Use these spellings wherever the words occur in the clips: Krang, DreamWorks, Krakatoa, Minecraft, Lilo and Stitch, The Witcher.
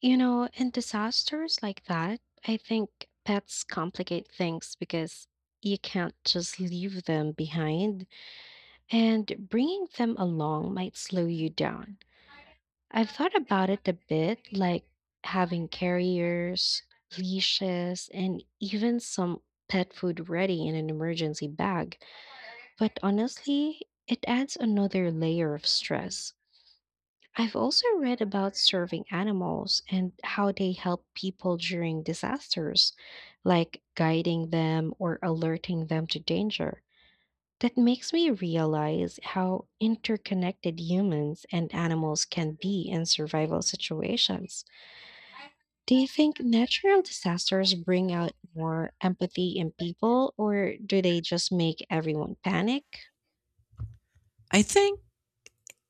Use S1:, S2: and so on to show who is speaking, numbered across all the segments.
S1: You know, in disasters like that, I think pets complicate things because you can't just leave them behind, and bringing them along might slow you down. I've thought about it a bit, like having carriers, leashes, and even some pet food ready in an emergency bag. But honestly, it adds another layer of stress. I've also read about serving animals and how they help people during disasters, like guiding them or alerting them to danger. That makes me realize how interconnected humans and animals can be in survival situations. Do you think natural disasters bring out more empathy in people, or do they just make everyone panic?
S2: I think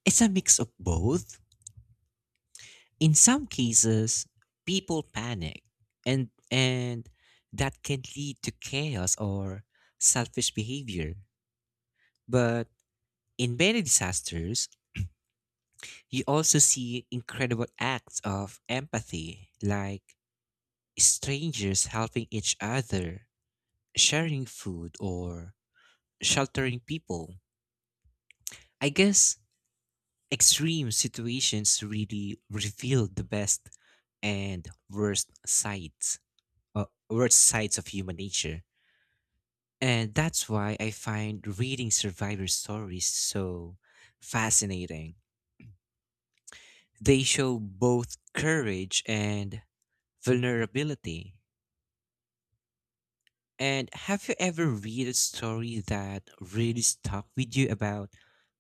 S2: it's a mix of both. In some cases, people panic and that can lead to chaos or selfish behavior. But in many disasters, you also see incredible acts of empathy, like strangers helping each other, sharing food or sheltering people. I guess extreme situations really reveal the best and worst sides of human nature, and that's why I find reading survivor stories so fascinating. They show both courage and vulnerability. And have you ever read a story that really stuck with you about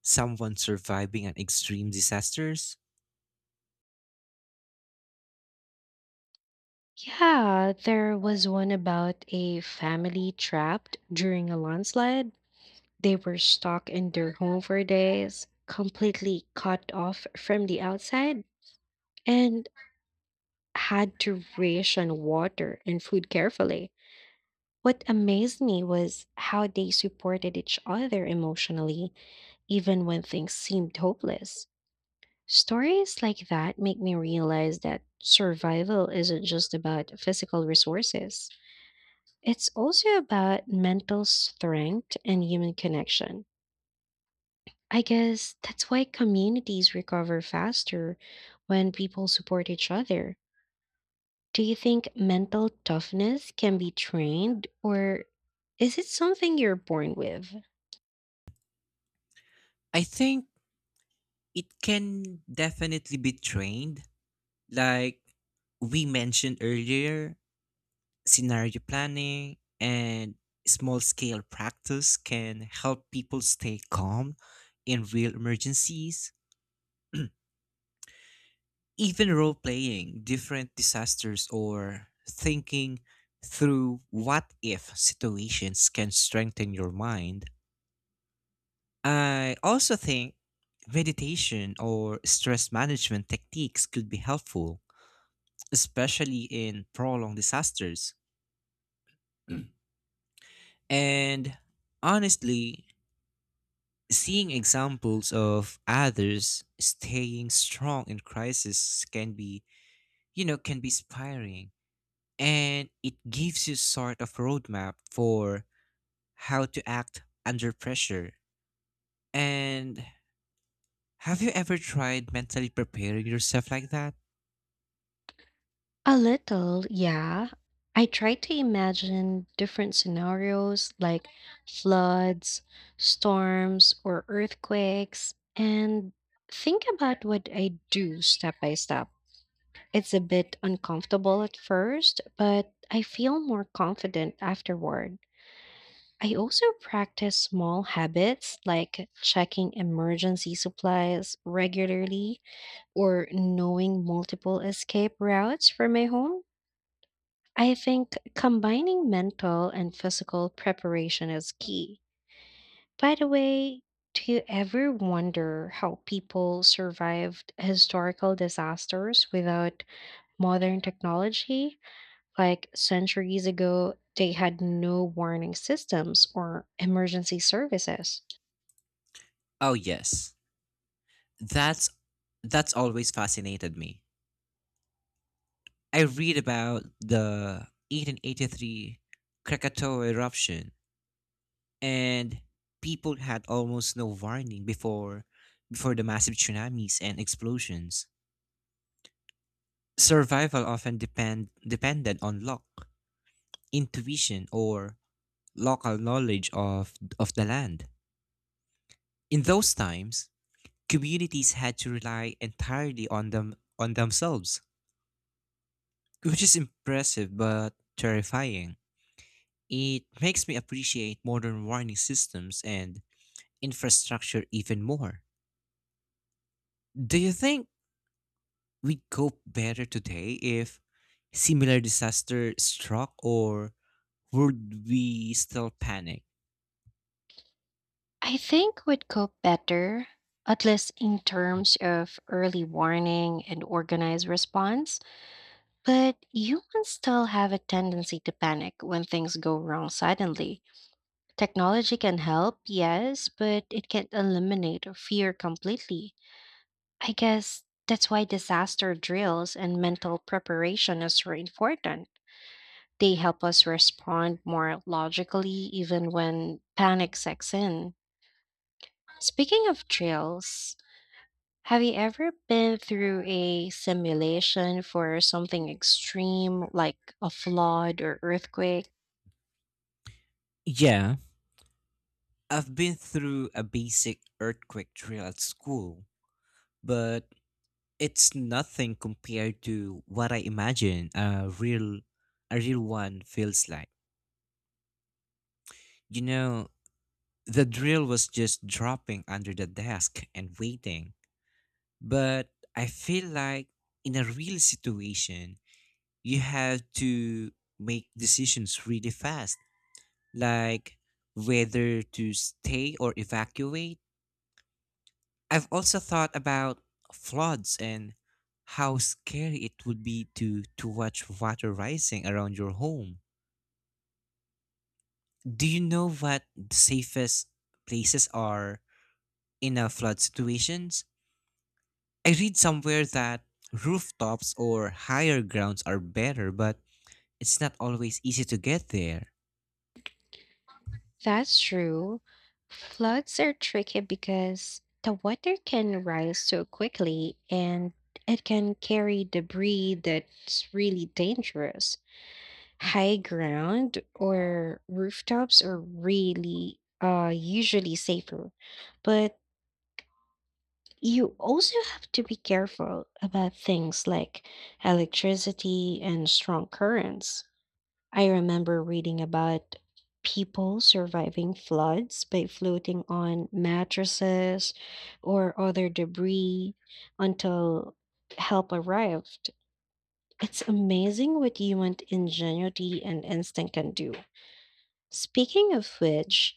S2: someone surviving an extreme disasters?
S1: Yeah, there was one about a family trapped during a landslide. They were stuck in their home for days, completely cut off from the outside, and had to ration water and food carefully. What amazed me was how they supported each other emotionally, even when things seemed hopeless. Stories like that make me realize that survival isn't just about physical resources. It's also about mental strength and human connection. I guess that's why communities recover faster when people support each other. Do you think mental toughness can be trained, or is it something you're born with?
S2: I think it can definitely be trained, like we mentioned earlier. Scenario planning and small scale practice can help people stay calm in real emergencies. Even role playing different disasters or thinking through what if situations can strengthen your mind. I also think meditation or stress management techniques could be helpful, especially in prolonged disasters. And honestly, seeing examples of others staying strong in crisis can be inspiring. And it gives you sort of roadmap for how to act under pressure. And have you ever tried mentally preparing yourself like that?
S1: A little, yeah. I try to imagine different scenarios like floods, storms, or earthquakes, and think about what I do step by step. It's a bit uncomfortable at first, but I feel more confident afterward. I also practice small habits like checking emergency supplies regularly or knowing multiple escape routes for my home. I think combining mental and physical preparation is key. By the way, do you ever wonder how people survived historical disasters without modern technology? Like centuries ago, they had no warning systems or emergency services.
S2: Oh yes. That's that's always fascinated me. I read about the 1883 Krakatoa eruption, and people had almost no warning before the massive tsunamis and explosions. Survival often depended on luck, intuition, or local knowledge of the land. In those times, communities had to rely entirely on themselves, which is impressive but terrifying. It makes me appreciate modern warning systems and infrastructure even more. Do you think we cope better today if similar disaster struck, or would we still panic?
S1: I think would cope better, at least in terms of early warning and organized response. But humans still have a tendency to panic when things go wrong suddenly. Technology can help, yes, but it can't eliminate fear completely. I guess that's why disaster drills and mental preparation is so important. They help us respond more logically even when panic sets in. Speaking of trails, have you ever been through a simulation for something extreme like a flood or earthquake?
S2: Yeah, I've been through a basic earthquake drill at school, but it's nothing compared to what I imagine a real one feels like. You know, the drill was just dropping under the desk and waiting. But I feel like in a real situation, you have to make decisions really fast, like whether to stay or evacuate. I've also thought about floods and how scary it would be to watch water rising around your home. Do you know what the safest places are in a flood situation? I read somewhere that rooftops or higher grounds are better, but it's not always easy to get there.
S1: That's true. Floods are tricky because the water can rise so quickly and it can carry debris that's really dangerous. High ground or rooftops are really usually safer, but you also have to be careful about things like electricity and strong currents. I remember reading about people surviving floods by floating on mattresses or other debris until help arrived. It's amazing what human ingenuity and instinct can do. Speaking of which,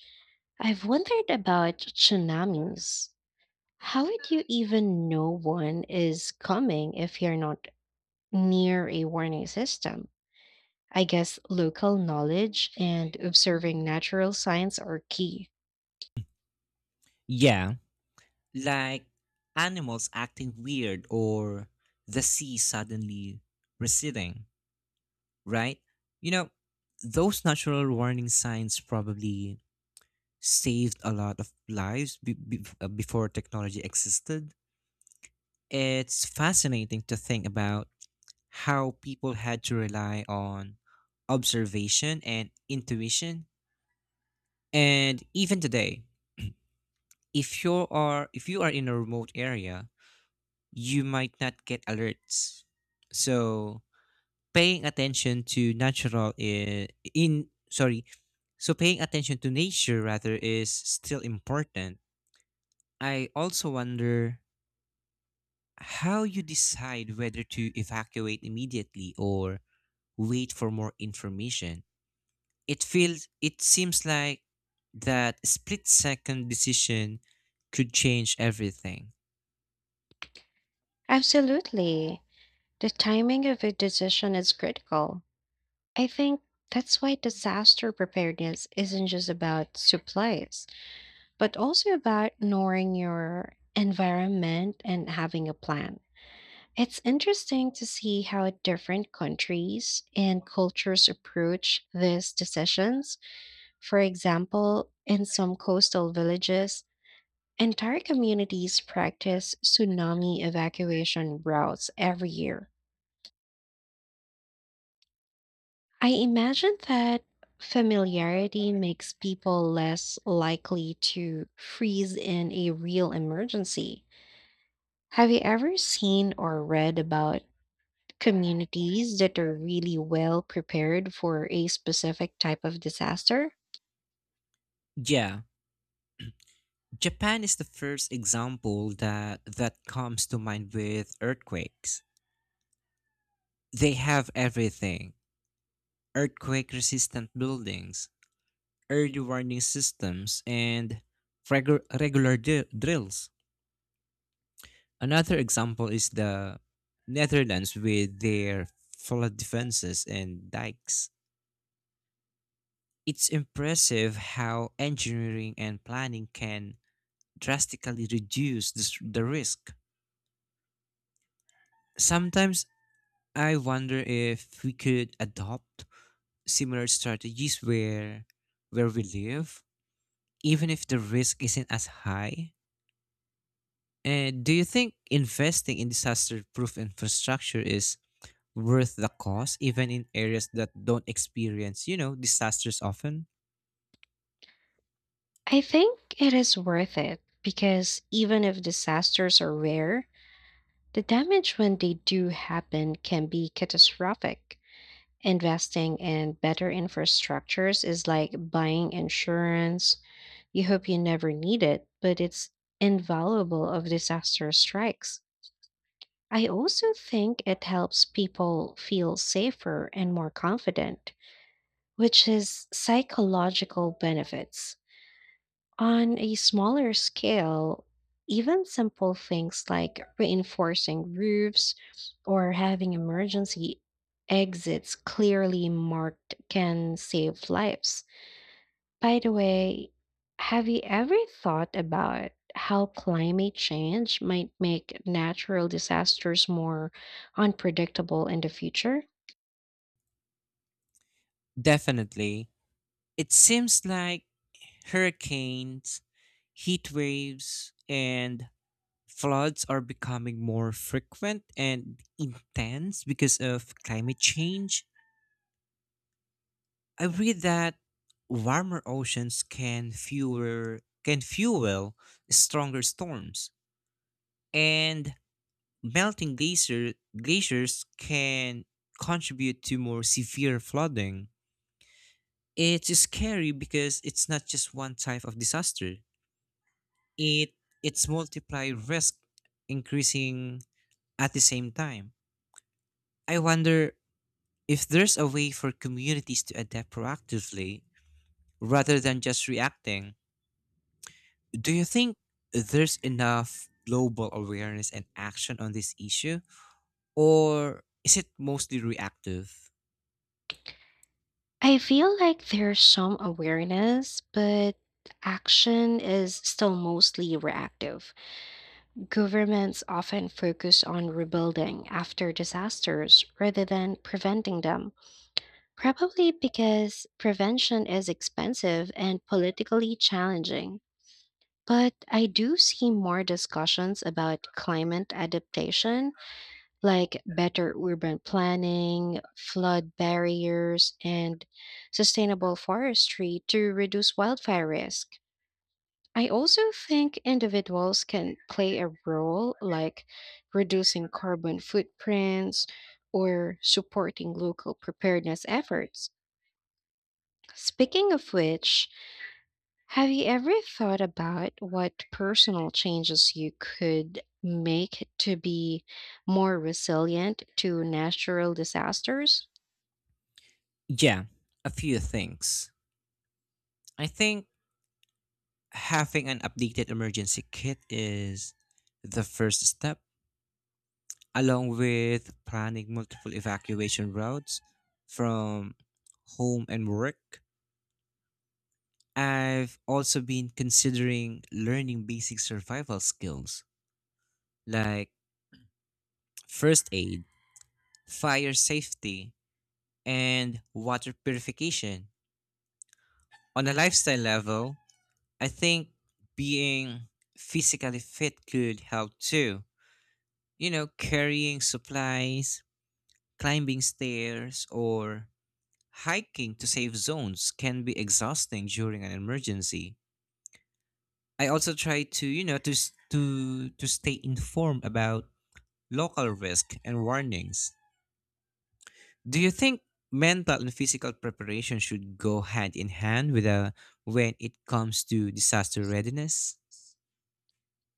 S1: I've wondered about tsunamis. How would you even know one is coming if you're not near a warning system? I guess local knowledge and observing natural signs are key.
S2: Yeah, like animals acting weird or the sea suddenly receding, right? You know, those natural warning signs probably saved a lot of lives before technology existed. It's fascinating to think about how people had to rely on observation and intuition. And even today, if you are in a remote area, you might not get alerts. So paying attention to natural i- in sorry, paying attention to nature rather is still important. I also wonder how you decide whether to evacuate immediately or wait for more information. It seems like that split second decision could change everything.
S1: Absolutely. The timing of a decision is critical. I think that's why disaster preparedness isn't just about supplies, but also about knowing your environment and having a plan. It's interesting to see how different countries and cultures approach these decisions. For example, in some coastal villages, entire communities practice tsunami evacuation routes every year. I imagine that familiarity makes people less likely to freeze in a real emergency. Have you ever seen or read about communities that are really well prepared for a specific type of disaster?
S2: Yeah, Japan is the first example that comes to mind with earthquakes. They have everything: earthquake resistant buildings, early warning systems, and drills. Another example is the Netherlands with their flood defenses and dikes. It's impressive how engineering and planning can drastically reduce the risk. Sometimes I wonder if we could adopt similar strategies where we live, even if the risk isn't as high. And do you think investing in disaster-proof infrastructure is worth the cost, even in areas that don't experience, disasters often?
S1: I think it is worth it because even if disasters are rare, the damage when they do happen can be catastrophic. Investing in better infrastructures is like buying insurance. You hope you never need it, but it's invaluable if disaster strikes. I also think it helps people feel safer and more confident, which is psychological benefits. On a smaller scale, even simple things like reinforcing roofs or having emergency exits clearly marked can save lives. By the way, have you ever thought about how climate change might make natural disasters more unpredictable in the future?
S2: Definitely. It seems like hurricanes, heat waves, and floods are becoming more frequent and intense because of climate change. I read that warmer oceans can fuel stronger storms, and melting glacier, glaciers can contribute to more severe flooding. It's scary because it's not just one type of disaster, it it's multiply risk increasing at the same time. I wonder if there's a way for communities to adapt proactively rather than just reacting. Do you think there's enough global awareness and action on this issue, or is it mostly reactive?
S1: I feel like there's some awareness, but action is still mostly reactive. Governments often focus on rebuilding after disasters rather than preventing them, probably because prevention is expensive and politically challenging. But I do see more discussions about climate adaptation like better urban planning, flood barriers, and sustainable forestry to reduce wildfire risk. I also think individuals can play a role like reducing carbon footprints or supporting local preparedness efforts. Speaking of which, have you ever thought about what personal changes you could make to be more resilient to natural disasters?
S2: Yeah, a few things. I think having an updated emergency kit is the first step, along with planning multiple evacuation routes from home and work. I've also been considering learning basic survival skills like first aid, fire safety, and water purification. On a lifestyle level, I think being physically fit could help too. You know, carrying supplies, climbing stairs, or hiking to safe zones can be exhausting during an emergency. I also try to, to stay informed about local risk and warnings. Do you think mental and physical preparation should go hand in hand when it comes to disaster readiness?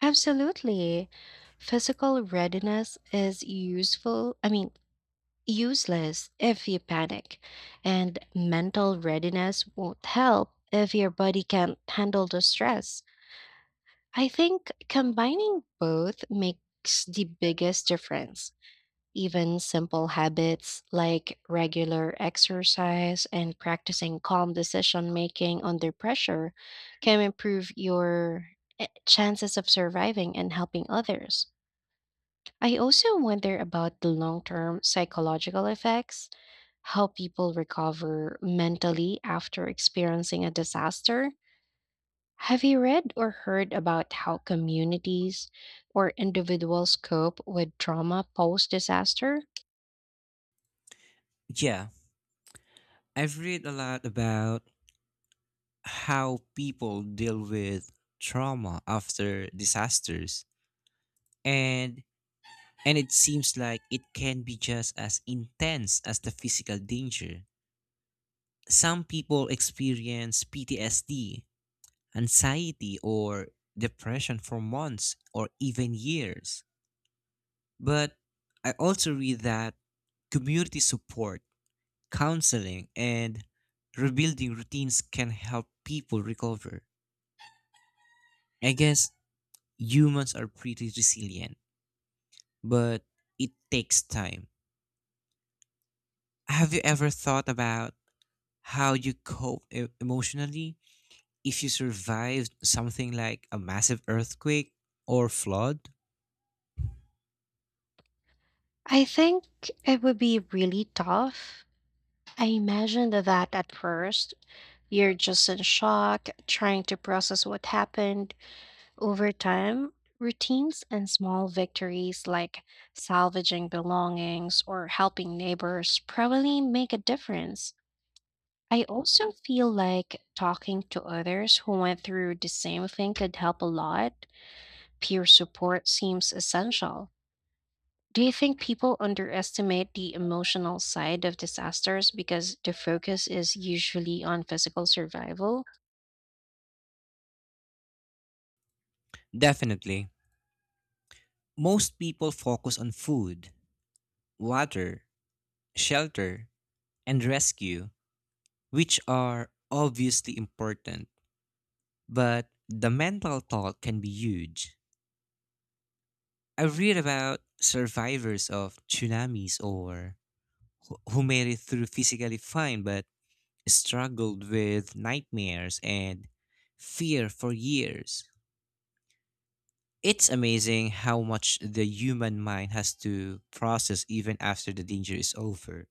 S1: Absolutely. Physical readiness is useful, I mean, useless if you panic, and mental readiness won't help if your body can't handle the stress. I think combining both makes the biggest difference. Even simple habits like regular exercise and practicing calm decision making under pressure can improve your chances of surviving and helping others. I also wonder about the long term psychological effects, how people recover mentally after experiencing a disaster. Have you read or heard about how communities or individuals cope with trauma post disaster?
S2: Yeah, I've read a lot about how people deal with trauma after disasters and and it seems like it can be just as intense as the physical danger. Some people experience PTSD, anxiety, or depression for months or even years. But I also read that community support, counseling, and rebuilding routines can help people recover. I guess humans are pretty resilient, but it takes time. Have you ever thought about how you emotionally if you survived something like a massive earthquake or flood?
S1: I think it would be really tough. I imagine that at first you're just in shock, trying to process what happened. Over time, routines and small victories like salvaging belongings or helping neighbors probably make a difference. I also feel like talking to others who went through the same thing could help a lot. Peer support seems essential. Do you think people underestimate the emotional side of disasters because the focus is usually on physical survival?
S2: Definitely. Most people focus on food, water, shelter, and rescue, which are obviously important, but the mental toll can be huge. I read about survivors of tsunamis or who made it through physically fine but struggled with nightmares and fear for years. It's amazing how much the human mind has to process even after the danger is over.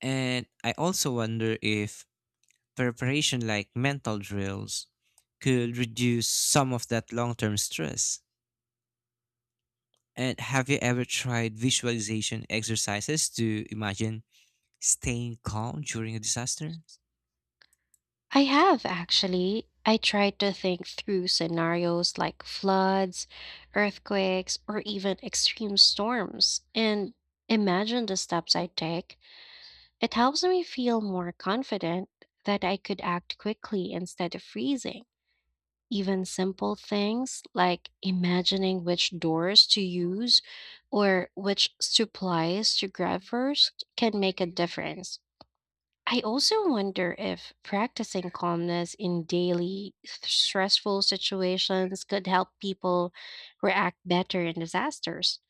S2: And I also wonder if preparation like mental drills could reduce some of that long term stress. And have you ever tried visualization exercises to imagine staying calm during a disaster?
S1: I have actually. I tried to think through scenarios like floods, earthquakes, or even extreme storms and imagine the steps I take. It helps me feel more confident that I could act quickly instead of freezing. Even simple things like imagining which doors to use or which supplies to grab first can make a difference. I also wonder if practicing calmness in daily stressful situations could help people react better in disasters.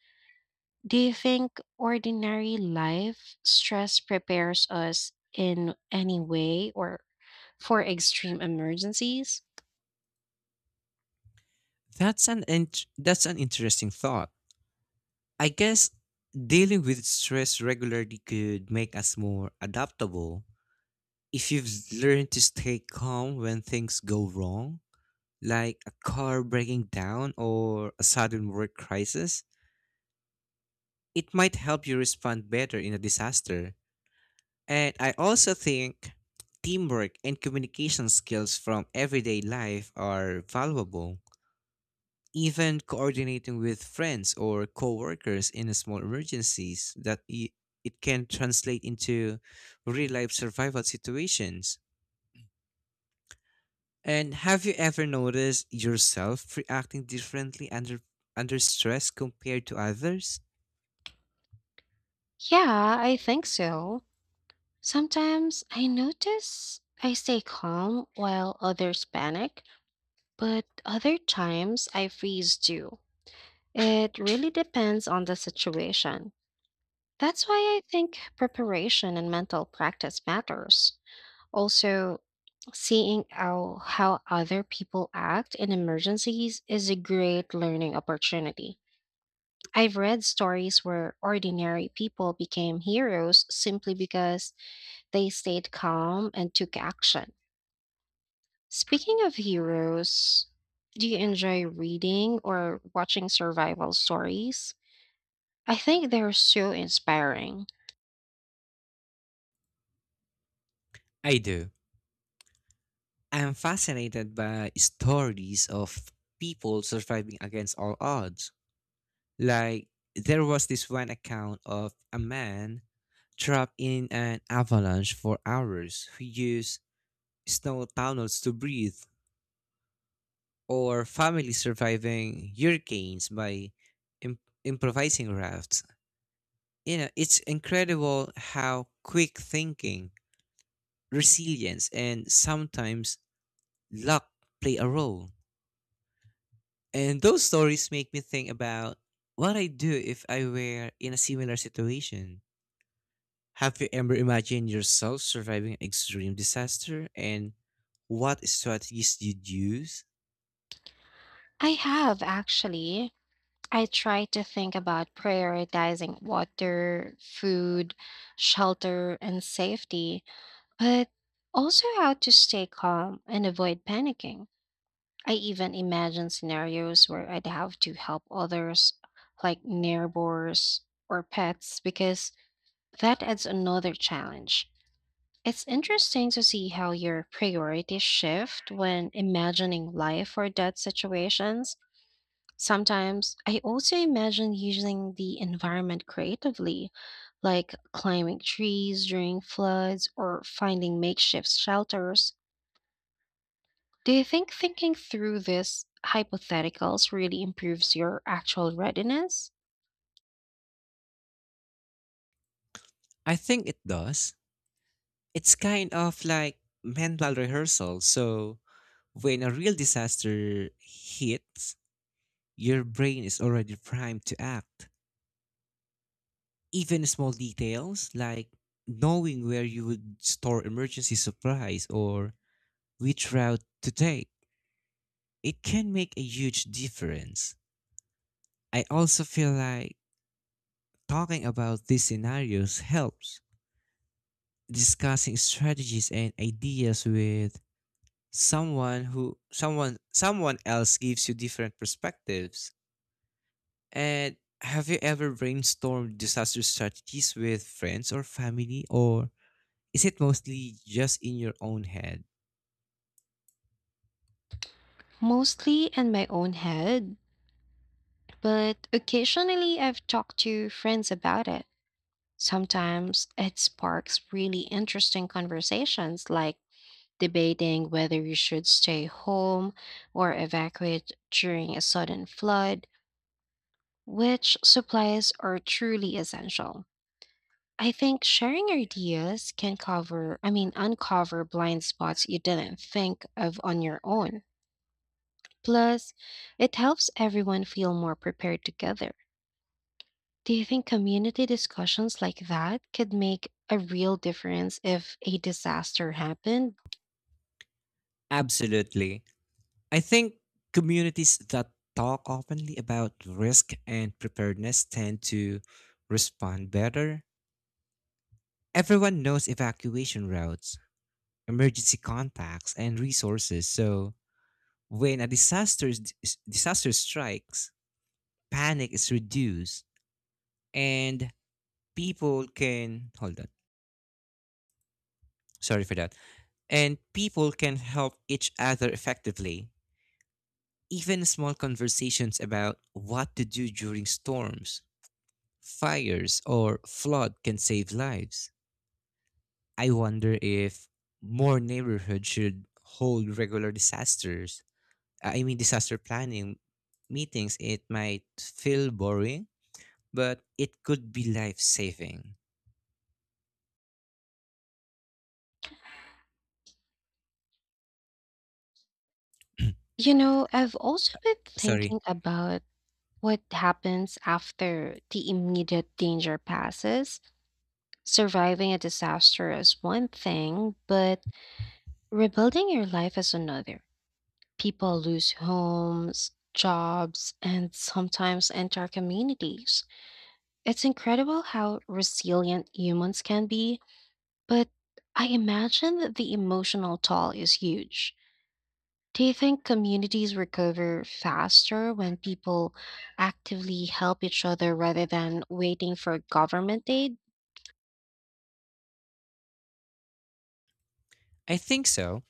S1: Do you think ordinary life stress prepares us in any way or for extreme emergencies?
S2: That's an interesting thought. I guess dealing with stress regularly could make us more adaptable. If you've learned to stay calm when things go wrong, like a car breaking down or a sudden work crisis, it might help you respond better in a disaster. And I also think teamwork and communication skills from everyday life are valuable. Even coordinating with friends or coworkers in a small it can translate into real life survival situations. And have you ever noticed yourself reacting differently under stress compared to others?
S1: Yeah, I think so. Sometimes I notice I stay calm while others panic, but other times I freeze too. It really depends on the situation. That's why I think preparation and mental practice matters. Also, seeing how other people act in emergencies is a great learning opportunity. I've read stories where ordinary people became heroes simply because they stayed calm and took action. Speaking of heroes, do you enjoy reading or watching survival stories? I think they're so inspiring.
S2: I do. I'm fascinated by stories of people surviving against all odds. Like there was this one account of a man trapped in an avalanche for hours who used snow tunnels to breathe, or families surviving hurricanes by improvising rafts. You know, it's incredible how quick thinking, resilience, and sometimes luck play a role. And those stories make me think about what I do if I were in a similar situation. Have you ever imagined yourself surviving an extreme disaster and what strategies you'd use?
S1: I have actually. I try to think about prioritizing water, food, shelter, and safety, but also how to stay calm and avoid panicking. I even imagine scenarios where I'd have to help others, like neighbors or pets, because that adds another challenge. It's interesting to see how your priorities shift when imagining life or death situations. Sometimes I also imagine using the environment creatively, like climbing trees during floods or finding makeshift shelters. Do you think thinking through these hypotheticals really improves your actual readiness?
S2: I think it does. It's kind of like mental rehearsal. So when a real disaster hits, your brain is already primed to act. Even small details like knowing where you would store emergency supplies or which route to take, it can make a huge difference. I also feel like talking about these scenarios helps. Discussing strategies and ideas with someone who someone someone else gives you different perspectives. And have you ever brainstormed disaster strategies with friends or family, or is it mostly just in your own head?
S1: Mostly in my own head, but occasionally I've talked to friends about it. Sometimes it sparks really interesting conversations, like debating whether you should stay home or evacuate during a sudden flood, which supplies are truly essential. I think sharing ideas can cover, I mean, uncover blind spots you didn't think of on your own. Plus, it helps everyone feel more prepared together. Do you think community discussions like that could make a real difference if a disaster happened?
S2: Absolutely. I think communities that talk openly about risk and preparedness tend to respond better. Everyone knows evacuation routes, emergency contacts, and resources. So when a disaster strikes, panic is reduced and people can hold on. Sorry for that. And people can help each other effectively. Even small conversations about what to do during storms, fires or flood can save lives. I wonder if more neighborhoods should hold regular disaster planning meetings. It might feel boring, but it could be life saving.
S1: You know, I've also been thinking
S2: Sorry.
S1: about what happens after the immediate danger passes. Surviving a disaster is one thing, but rebuilding your life is another. People lose homes, jobs, and sometimes entire communities. It's incredible how resilient humans can be. But I imagine that the emotional toll is huge. Do you think communities recover faster when people actively help each other rather than waiting for government aid?
S2: I think so.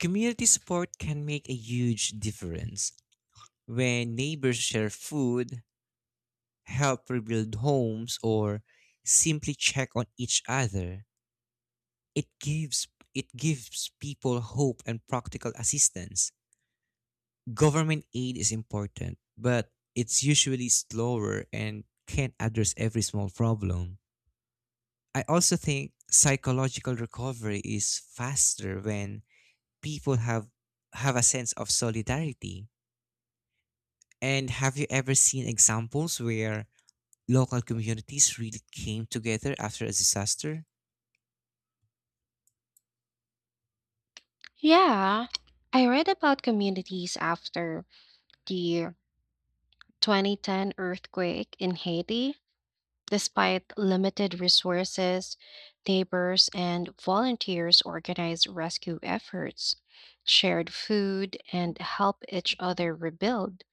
S2: Community support can make a huge difference when neighbors share food, help rebuild homes, or simply check on each other. It gives it gives people hope and practical assistance. Government aid is important, but it's usually slower and can't address every small problem. I also think psychological recovery is faster when people have a sense of solidarity. And have you ever seen examples where local communities really came together after a disaster?
S1: Yeah, I read about communities after the 2010 earthquake in Haiti. Despite limited resources, neighbors and volunteers organized rescue efforts, shared food, and helped each other rebuild.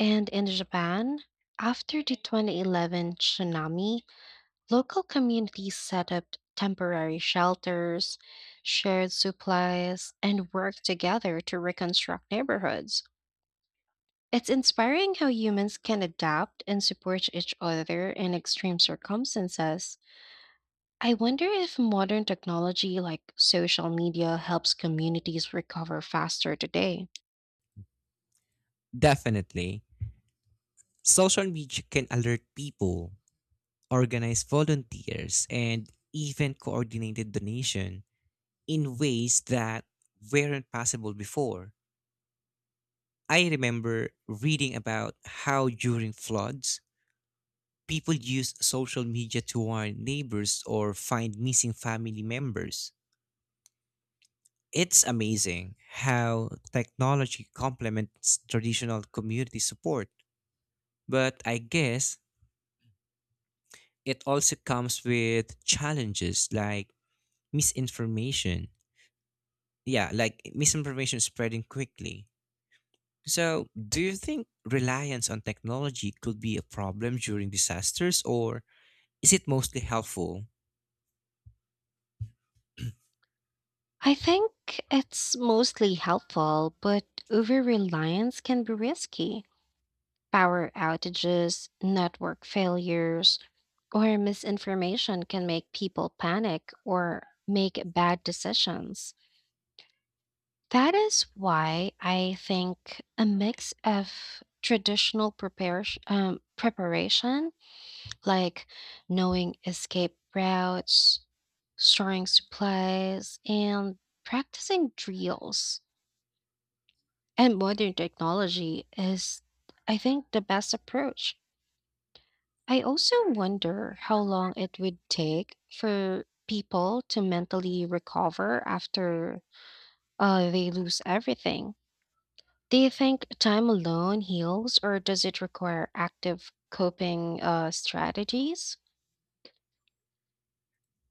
S1: And in Japan, after the 2011 tsunami, local communities set up temporary shelters, shared supplies, and worked together to reconstruct neighborhoods. It's inspiring how humans can adapt and support each other in extreme circumstances. I wonder if modern technology like social media helps communities recover faster today.
S2: Definitely. Social media can alert people, organized volunteers, and even coordinated donation in ways that weren't possible before. I remember reading about how during floods, people used social media to warn neighbors or find missing family members. It's amazing how technology complements traditional community support, but I guess it also comes with challenges like misinformation misinformation spreading quickly. So, do you think reliance on technology could be a problem during disasters, or is it mostly helpful?
S1: I think it's mostly helpful, but over reliance can be risky. Power outages, network failures, or misinformation can make people panic or make bad decisions. That is why I think a mix of traditional preparation like knowing escape routes, storing supplies, and practicing drills and modern technology is, I think, the best approach. I also wonder how long it would take for people to mentally recover after they lose everything. Do you think time alone heals, or does it require active coping strategies?